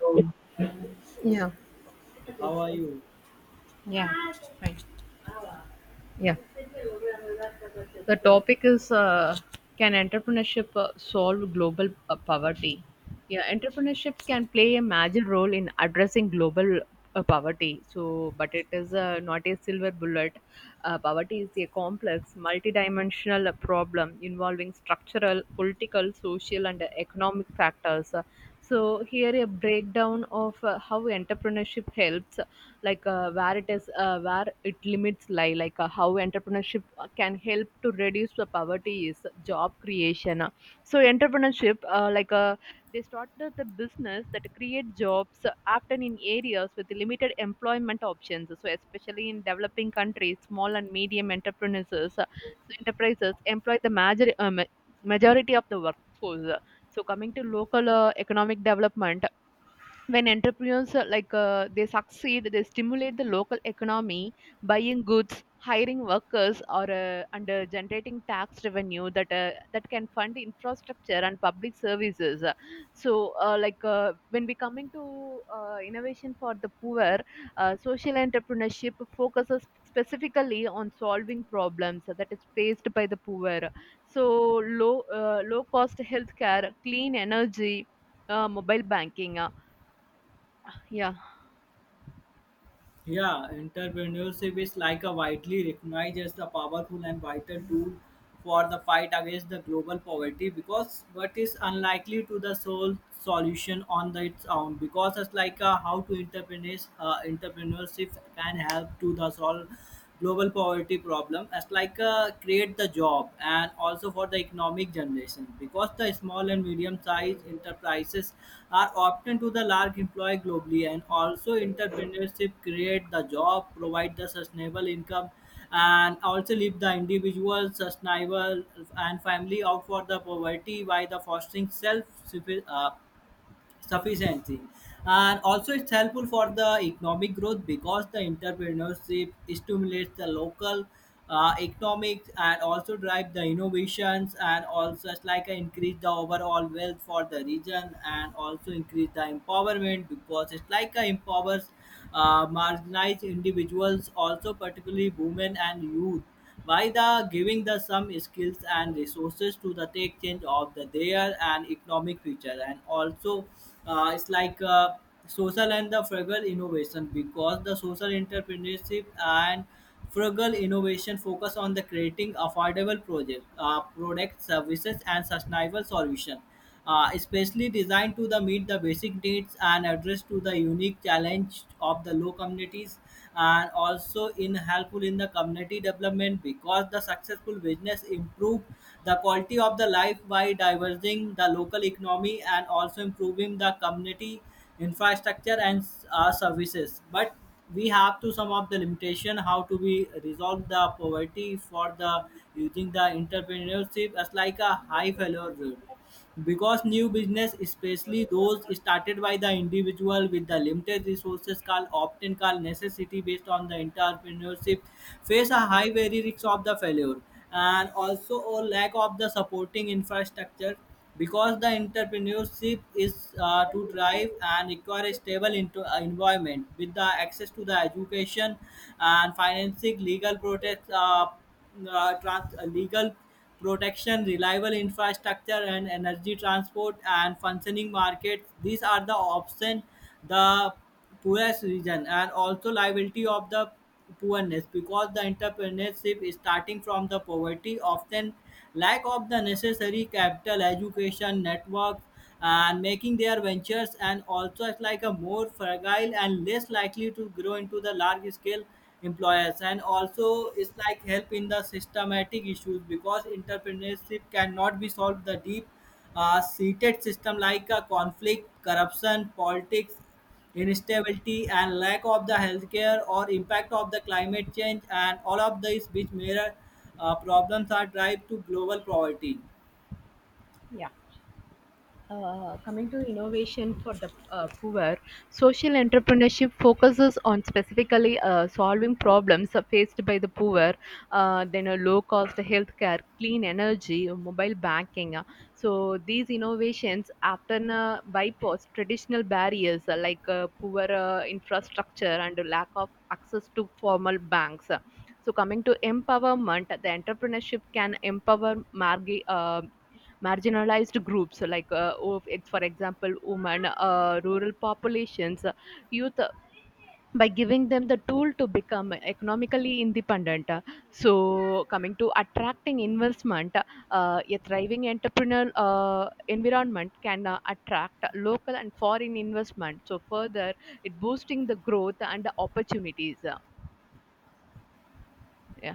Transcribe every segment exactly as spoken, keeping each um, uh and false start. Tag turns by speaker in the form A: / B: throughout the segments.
A: So,
B: Yeah,
A: how are you?
B: Yeah, right. yeah, The topic is uh, can entrepreneurship uh, solve global uh, poverty? Yeah, entrepreneurship can play a major role in addressing global uh, poverty. So, but it is uh, not a silver bullet. Uh, poverty is a complex, multidimensional uh, problem involving structural, political, social, and economic factors. Uh, So, Here a breakdown of uh, how entrepreneurship helps like uh, where it is uh, where it limits lie like uh, how entrepreneurship can help to reduce the poverty is job creation, so entrepreneurship, uh, like uh, they started the business that create jobs uh, often in areas with limited employment options, so especially in developing countries small and medium enterprises, uh, so enterprises employ the major, um, majority of the workforce. So coming to local uh, economic development, when entrepreneurs, uh, like uh, they succeed, they stimulate the local economy, buying goods, hiring workers or uh, and uh, generating tax revenue that uh, that can fund infrastructure and public services. So uh, like uh, when we coming to uh, innovation for the poor, uh, social entrepreneurship focuses specifically on solving problems that is faced by the poor. So low uh, low cost healthcare, clean energy, uh, mobile banking, uh, yeah.
A: Yeah, entrepreneurship is like a widely recognized as the powerful and vital tool for the fight against the global poverty, because what is unlikely to the sole solution on the, its own, because it's like, uh, how to entrepreneurs uh, entrepreneurship can help to the solve global poverty problem, as like, uh, create the job, and also for the economic generation, because the small and medium sized enterprises are often to the large employer globally. And also entrepreneurship create the job, provide the sustainable income, and also leave the individual sustainable and family out for the poverty by the fostering self uh, sufficiency. And also it's helpful for the economic growth, because the entrepreneurship stimulates the local uh, economics and also drive the innovations, and also it's like a increase the overall wealth for the region, and also increase the empowerment, because it's like a empowers uh, marginalized individuals, also particularly women and youth, by the giving the some skills and resources to the take change of the their and economic future. And also, uh, it's like, uh, social and the frugal innovation, because the social entrepreneurship and frugal innovation focus on the creating affordable project uh, product services and sustainable solution, uh, especially designed to the meet the basic needs and address to the unique challenge of the low communities. And also in helpful in the community development, because the successful business improve the quality of the life by diverging the local economy and also improving the community infrastructure and uh, services. But we have to sum up the limitation how to be resolve the poverty for the using the entrepreneurship, as like a high failure rate, because new business, especially those started by the individual with the limited resources called often called necessity based on the entrepreneurship, face a high very risk of the failure. And also a lack of the supporting infrastructure, because the entrepreneurship is uh, to drive and require a stable into, uh, environment with the access to the education and financing legal protect uh, uh, trans- uh, legal protection, reliable infrastructure and energy transport and functioning markets. These are the options the poorest region, and also liability of the poorness, because the entrepreneurship is starting from the poverty often lack of the necessary capital, education, networks, and making their ventures, and also it's like a more fragile and less likely to grow into the large scale employers. And also it's like help in the systematic issues, because entrepreneurship cannot be solved the deep uh, seated system like a conflict corruption politics instability and lack of the healthcare or impact of the climate change, and all of these which major uh, problems are drive to global poverty.
B: Yeah. Uh, coming to innovation for the uh, poor, social entrepreneurship focuses on specifically uh, solving problems faced by the poor, uh, then a low cost healthcare, clean energy, mobile banking. So these innovations often uh, bypass traditional barriers uh, like uh, poor uh, infrastructure and lack of access to formal banks. So coming to empowerment, the entrepreneurship can empower marg- uh, marginalized groups like uh, of- for example women, uh, rural populations, uh, youth, uh, by giving them the tool to become economically independent. So coming to attracting investment, uh, a thriving entrepreneurial uh, environment can uh, attract local and foreign investment, so further it boosting the growth and the opportunities. yeah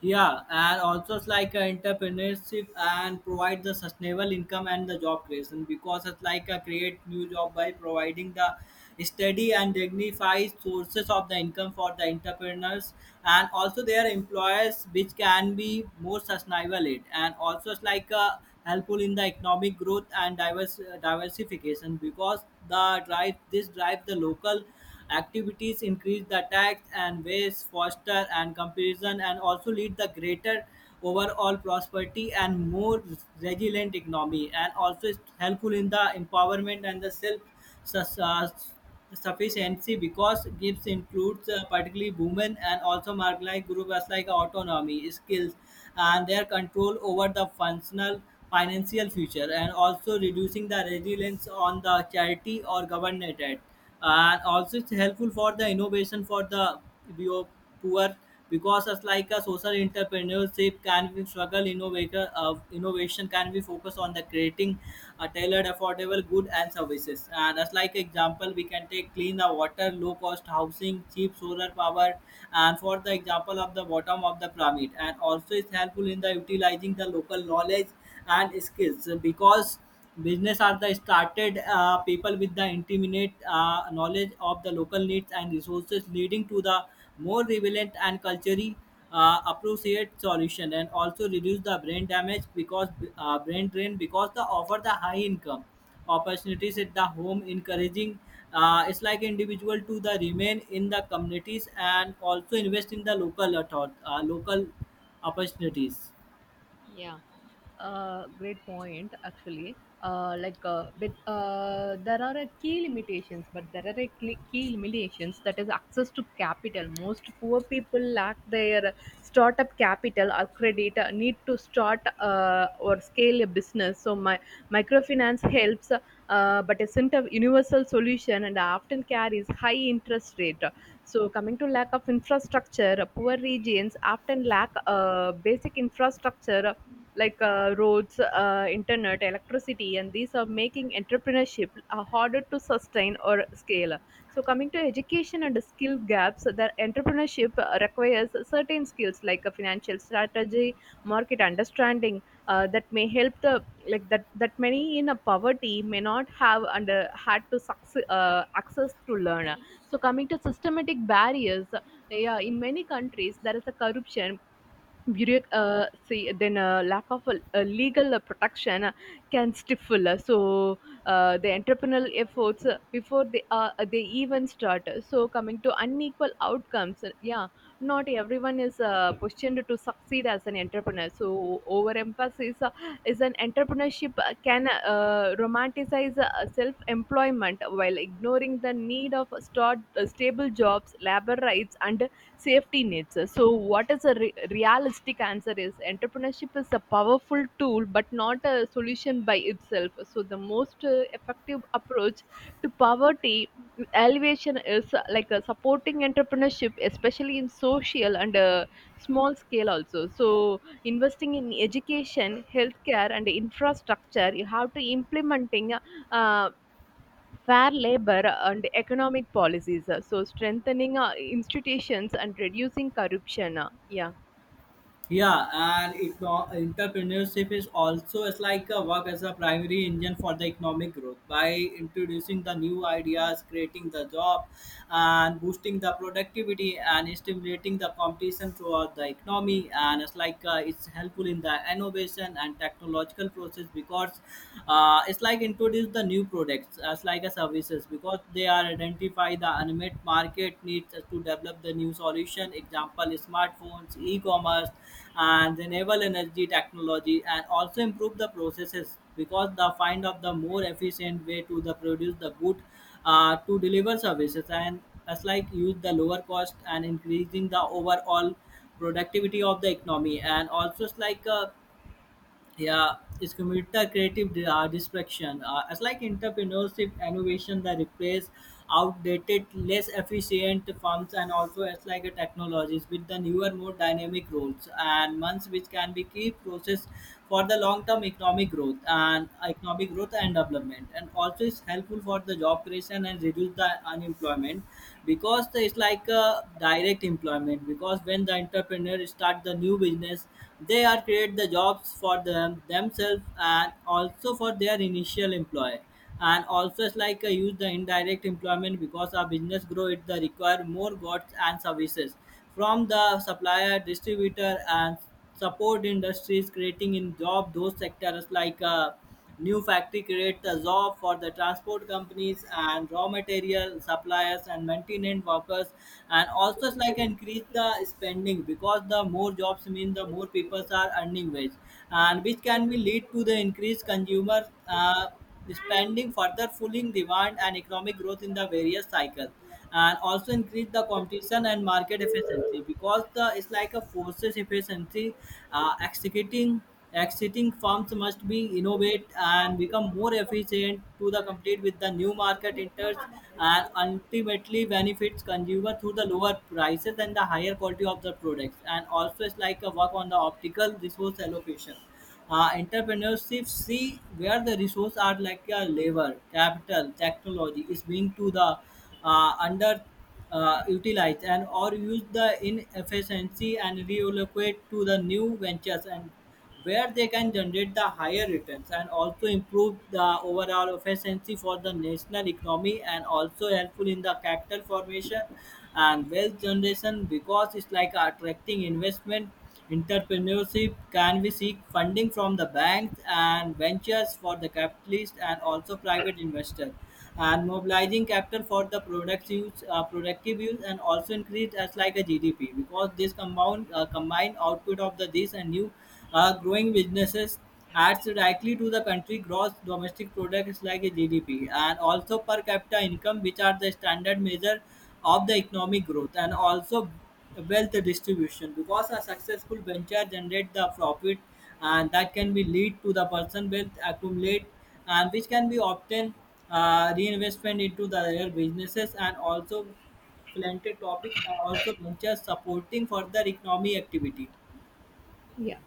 A: Yeah, and also it's like a entrepreneurship and provide the sustainable income and the job creation, because it's like a create new job by providing the steady and dignified sources of the income for the entrepreneurs and also their employers, which can be more sustainable it. And also it's like a helpful in the economic growth and divers, diversification, because the drive this drive the local activities, increase the tax and waste, foster and comparison, and also lead the greater overall prosperity and more resilient economy. And also it's helpful in the empowerment and the self sus- uh, sufficiency, because gives includes uh, particularly women and also marginalized groups like autonomy skills and their control over the functional financial future, and also reducing the reliance on the charity or government aid. And also it's helpful for the innovation for the bio- poor, because it's like a social entrepreneurship can be struggle innovator of innovation can be focused on the creating a tailored effort affordable goods and services. Uh, that's like example, we can take clean the water, low cost housing, cheap solar power, and for the example of the bottom of the pyramid. And also it's helpful in the utilizing the local knowledge and skills, because business are the started uh, people with the intimate uh, knowledge of the local needs and resources leading to the more relevant and culturally uh, appropriate solution, and also reduce the brain damage because uh, brain drain, because the offer the high income opportunities at the home encouraging uh, it's like individual to the remain in the communities, and also invest in the local author- uh, local opportunities.
B: yeah uh, Great point, actually. Uh, like uh, but uh, There are a key limitations, but there are a cl- key limitations that is access to capital. Most poor people lack their startup capital or credit uh, need to start uh, or scale a business, so my microfinance helps, uh, but isn't a universal solution and often carries high interest rate. So coming to lack of infrastructure, poor regions often lack uh, basic infrastructure like uh, roads, uh, internet, electricity, and these are making entrepreneurship uh, harder to sustain or scale. So, coming to education and skill gaps, that entrepreneurship uh, requires certain skills like a financial strategy, market understanding, uh, that may help the like that that many in a poverty may not have under had to succe- uh, access to learn. So, coming to systematic barriers, yeah, in many countries there is a corruption, bureauc- uh, see then a lack of a, a legal uh, protection uh, can stifle, uh, so uh, the entrepreneurial efforts uh, before they uh, they even start. So coming to unequal outcomes, uh, yeah, not everyone is uh, positioned to succeed as an entrepreneur, so overemphasis uh, is an entrepreneurship uh, can uh, romanticize uh, self-employment while ignoring the need of start, uh, stable jobs, labor rights and safety nets. So, what is a re- realistic answer is entrepreneurship is a powerful tool, but not a solution by itself. So, the most uh, effective approach to poverty, mm, alleviation is uh, like uh, supporting entrepreneurship, especially in social and uh, small scale also. So, investing in education, healthcare, and infrastructure, you have to implementing uh, fair labor and economic policies, uh, so strengthening uh, institutions and reducing corruption. Uh, yeah.
A: Yeah, and eco- entrepreneurship is also it's like a work as a primary engine for the economic growth by introducing the new ideas, creating the job, and boosting the productivity and stimulating the competition throughout the economy. And it's like, uh, it's helpful in the innovation and technological process, because uh, it's like introduce the new products as like a services, because they are identify the unmet market needs to develop the new solution example smartphones e-commerce and renewable energy technology. And also improve the processes, because the find of the more efficient way to the produce the good uh, to deliver services, and as like use the lower cost and increasing the overall productivity of the economy. And also it's like, uh, yeah, it's computer creative di- uh, distraction. Uh, it's like entrepreneurship innovation that replace outdated, less efficient forms, and also it's like a technologies with the newer, more dynamic roles and months, which can be key process for the long-term economic growth and economic growth and development. And also is helpful for the job creation and reduce the unemployment, because it's like a direct employment, because when the entrepreneur start the new business they are create the jobs for them themselves, and also for their initial employer. And also it's like, uh, use the indirect employment, because our business grow it the require more goods and services from the supplier, distributor, and support industries, creating in job those sectors like, uh, new factory create the job for the transport companies and raw material suppliers and maintenance workers. And also it's like increase the spending, because the more jobs mean the more people are earning wage, and which can be lead to the increased consumer uh, spending further fueling demand and economic growth in the various cycles. And also increase the competition and market efficiency, because the it's like a forces efficiency uh, executing exiting firms must be innovate and become more efficient to the compete with the new market enters, and ultimately benefits consumer through the lower prices and the higher quality of the products. And also it's like a work on the optical resource allocation, uh, entrepreneurship see where the resource are like, uh, labor, capital, technology is being to the uh, under uh, utilized, and or use the inefficiency and reallocate to the new ventures, and where they can generate the higher returns, and also improve the overall efficiency for the national economy. And also helpful in the capital formation and wealth generation, because it's like attracting investment. Entrepreneurship can be seek funding from the banks and ventures for the capitalist and also private investor, and mobilizing capital for the products use uh, productive use, and also increase as like a G D P, because this compound uh, combined output of the this and new uh, growing businesses adds directly to the country gross domestic products like a G D P, and also per capita income which are the standard measure of the economic growth. And also wealth distribution, because a successful venture generates the profit, and that can be lead to the person wealth accumulate, and which can be obtained uh, reinvestment into the other businesses, and also philanthropic uh, also ventures supporting further economy activity.
B: Yeah.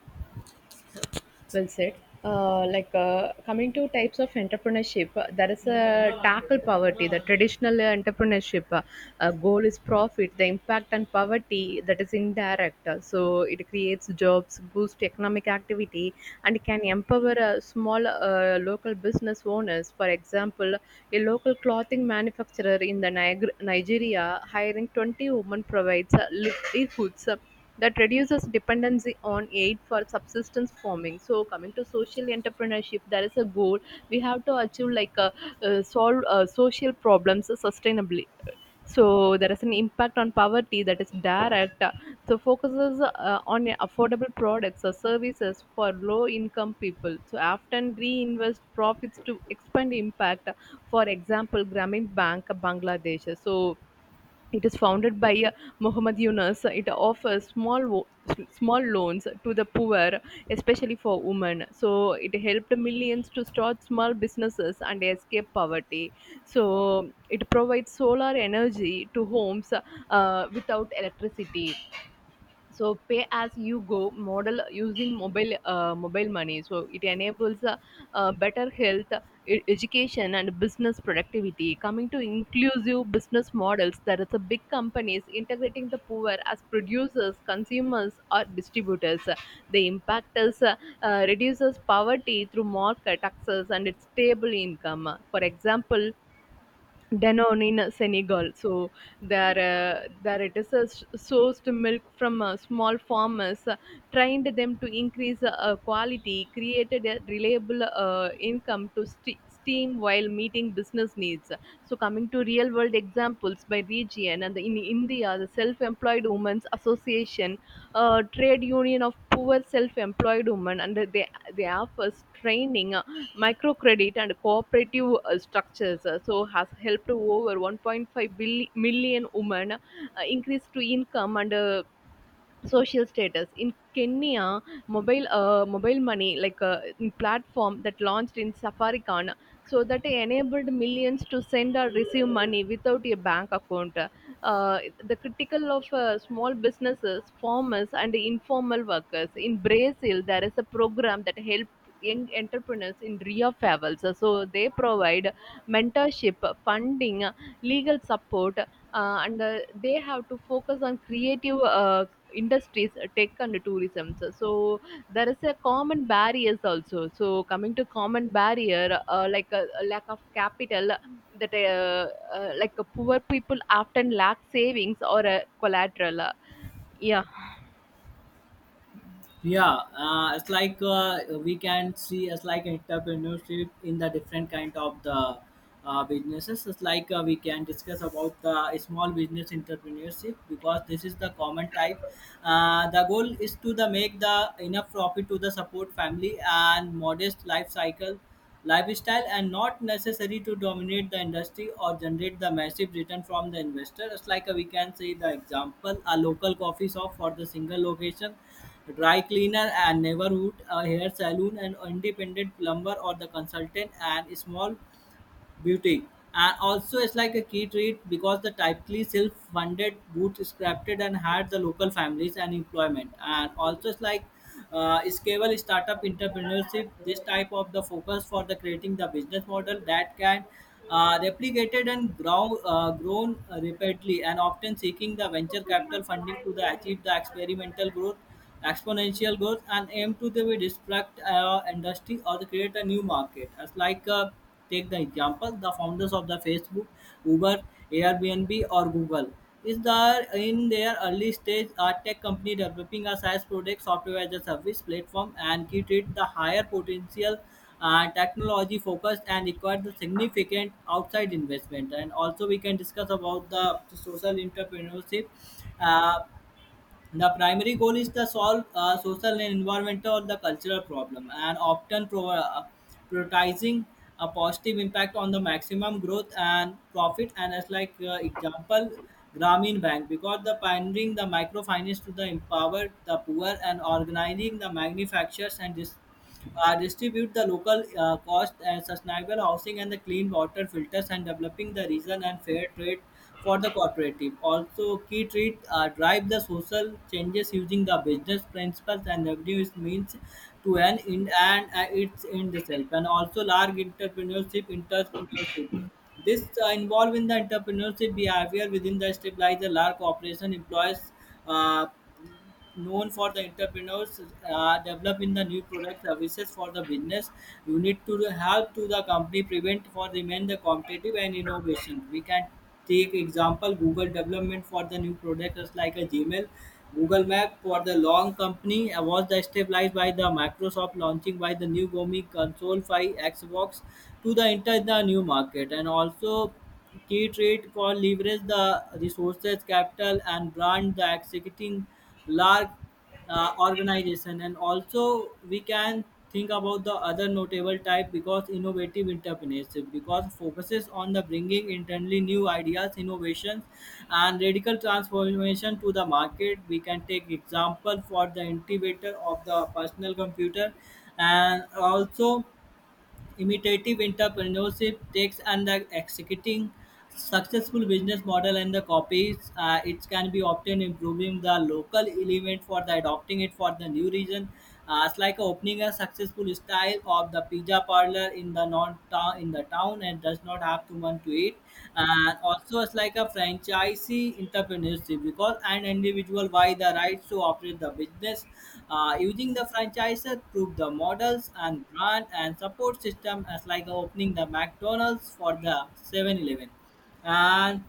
B: Well said. Uh, like uh, coming to types of entrepreneurship, uh, there is a tackle poverty. The traditional entrepreneurship, uh, uh, goal is profit. The impact on poverty that is indirect. Uh, so it creates jobs, boosts economic activity, and can empower uh, small uh, local business owners. For example, a local clothing manufacturer in the Niger- Nigeria hiring twenty women provides uh, livelihoods that reduces dependency on aid for subsistence farming. So coming to social entrepreneurship, there is a goal we have to achieve like uh, uh, solve uh, social problems sustainably. So there is an impact on poverty that is direct, uh, so focuses uh, on affordable products or services for low income people, so often reinvest profits to expand impact. For example, Grameen Bank Bangladesh, so it is founded by uh, Muhammad Yunus. It offers small wo- small loans to the poor, especially for women. So it helped millions to start small businesses and escape poverty. So it provides solar energy to homes uh, without electricity, so pay as you go model using mobile uh, mobile money, so it enables uh, uh, better health, e- education and business productivity. Coming to inclusive business models, there is a big companies integrating the poor as producers, consumers or distributors. The impact is uh, uh, reduces poverty through market access and its stable income. For example, Danone in Senegal. So there, uh, there it is uh, sourced milk from uh, small farmers, uh, trained them to increase uh, quality, created a reliable uh, income to st- steam while meeting business needs. So coming to real world examples by region, and in India, the Self-Employed Women's Association, a trade union of poor self-employed women, and they they offers training, uh, microcredit and cooperative uh, structures, uh, so has helped over one point five billi- million women uh, increase to income and uh, social status. In Kenya, mobile uh, mobile money like a platform that launched in safaricon, so that enabled millions to send or receive money without a bank account, uh, the critical of uh, small businesses, farmers and informal workers. In Brazil, there is a program that help young entrepreneurs in Rio Favels. So they provide mentorship, funding, legal support, uh, and uh, they have to focus on creative uh, industries, tech and tourism. So, so there is a common barriers also. So coming to common barrier, uh, like a, a lack of capital, that uh, uh, like uh, poor people often lack savings or a collateral. Yeah.
A: Yeah, uh, it's like, uh, we can see it's like entrepreneurship in the different kind of the uh, businesses. It's like, uh, we can discuss about the small business entrepreneurship, because this is the common type. Uh, the goal is to the make the enough profit to the support family and modest life cycle lifestyle, and not necessary to dominate the industry or generate the massive return from the investor. It's like a, we can say the example a local coffee shop for the single location, dry cleaner and neighborhood, a hair salon and independent plumber or the consultant and small beauty. And also it's like a key treat, because the typically self-funded bootstrapped and had the local families and employment. And also it's like, uh, scalable startup entrepreneurship, this type of the focus for the creating the business model that can uh, replicated and grow, uh, grown rapidly, and often seeking the venture capital funding to the achieve the experimental growth exponential growth, and aim to the disrupt our industry or to create a new market. As like, uh, take the example, the founders of the Facebook, Uber, Airbnb, or Google is the in their early stage a tech company developing a SaaS product, software as a service platform, and key treat the higher potential uh, technology focused and required the significant outside investment. And also we can discuss about the social entrepreneurship. Uh, the primary goal is to solve uh, social and environmental or the cultural problem, and often pro- uh, prioritizing a positive impact on the maximum growth and profit. And as like, uh, example, Grameen Bank, because the pioneering the microfinance to the empower the poor and organizing the manufacturers, and this uh, distribute the local uh, cost and sustainable housing and the clean water filters and developing the reason and fair trade for the cooperative. Also, key treat uh, drive the social changes using the business principles and revenues means to an end and uh, its end itself. And also large entrepreneurship, entrepreneurship. This uh, involve in the entrepreneurship behavior within the stabilizer large corporation employs, uh, known for the entrepreneurs uh, developing the new product services for the business you need to help to the company prevent for remain the competitive and innovation. We can take example Google development for the new product is like a Gmail Google Map for the long company uh, was the stabilized by the Microsoft launching by the new gomi console by Xbox to the enter the new market. And also key trait called leverage the resources, capital, and brand the executing large uh, organization. And also, we can think about the other notable type, because innovative entrepreneurship, because focuses on the bringing internally new ideas, innovations, and radical transformation to the market. We can take example for the innovator of the personal computer. And also imitative entrepreneurship takes and the executing successful business model, and the copies uh, it can be obtained improving the local element for the adopting it for the new region, uh, it's like opening a successful style of the pizza parlor in the non town in the town someone and does not have to want to eat. And also it's like a franchisee entrepreneurship, because an individual buy the rights to operate the business uh, using the franchisor prove the models and brand and support system, as like opening the McDonald's for the Seven Eleven. And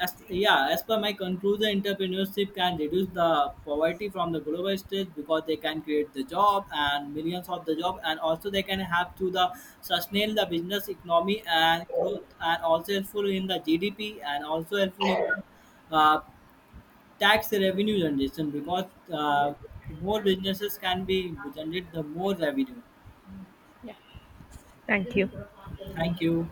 A: as, yeah, as per my conclusion, entrepreneurship can reduce the poverty from the global stage, because they can create the job and millions of the job, and also they can help to the sustain the business economy and growth, and also helpful in the G D P, and also helpful in the uh, tax revenue generation, because uh, more businesses can be generate the more revenue.
B: Thank you.
A: Thank you.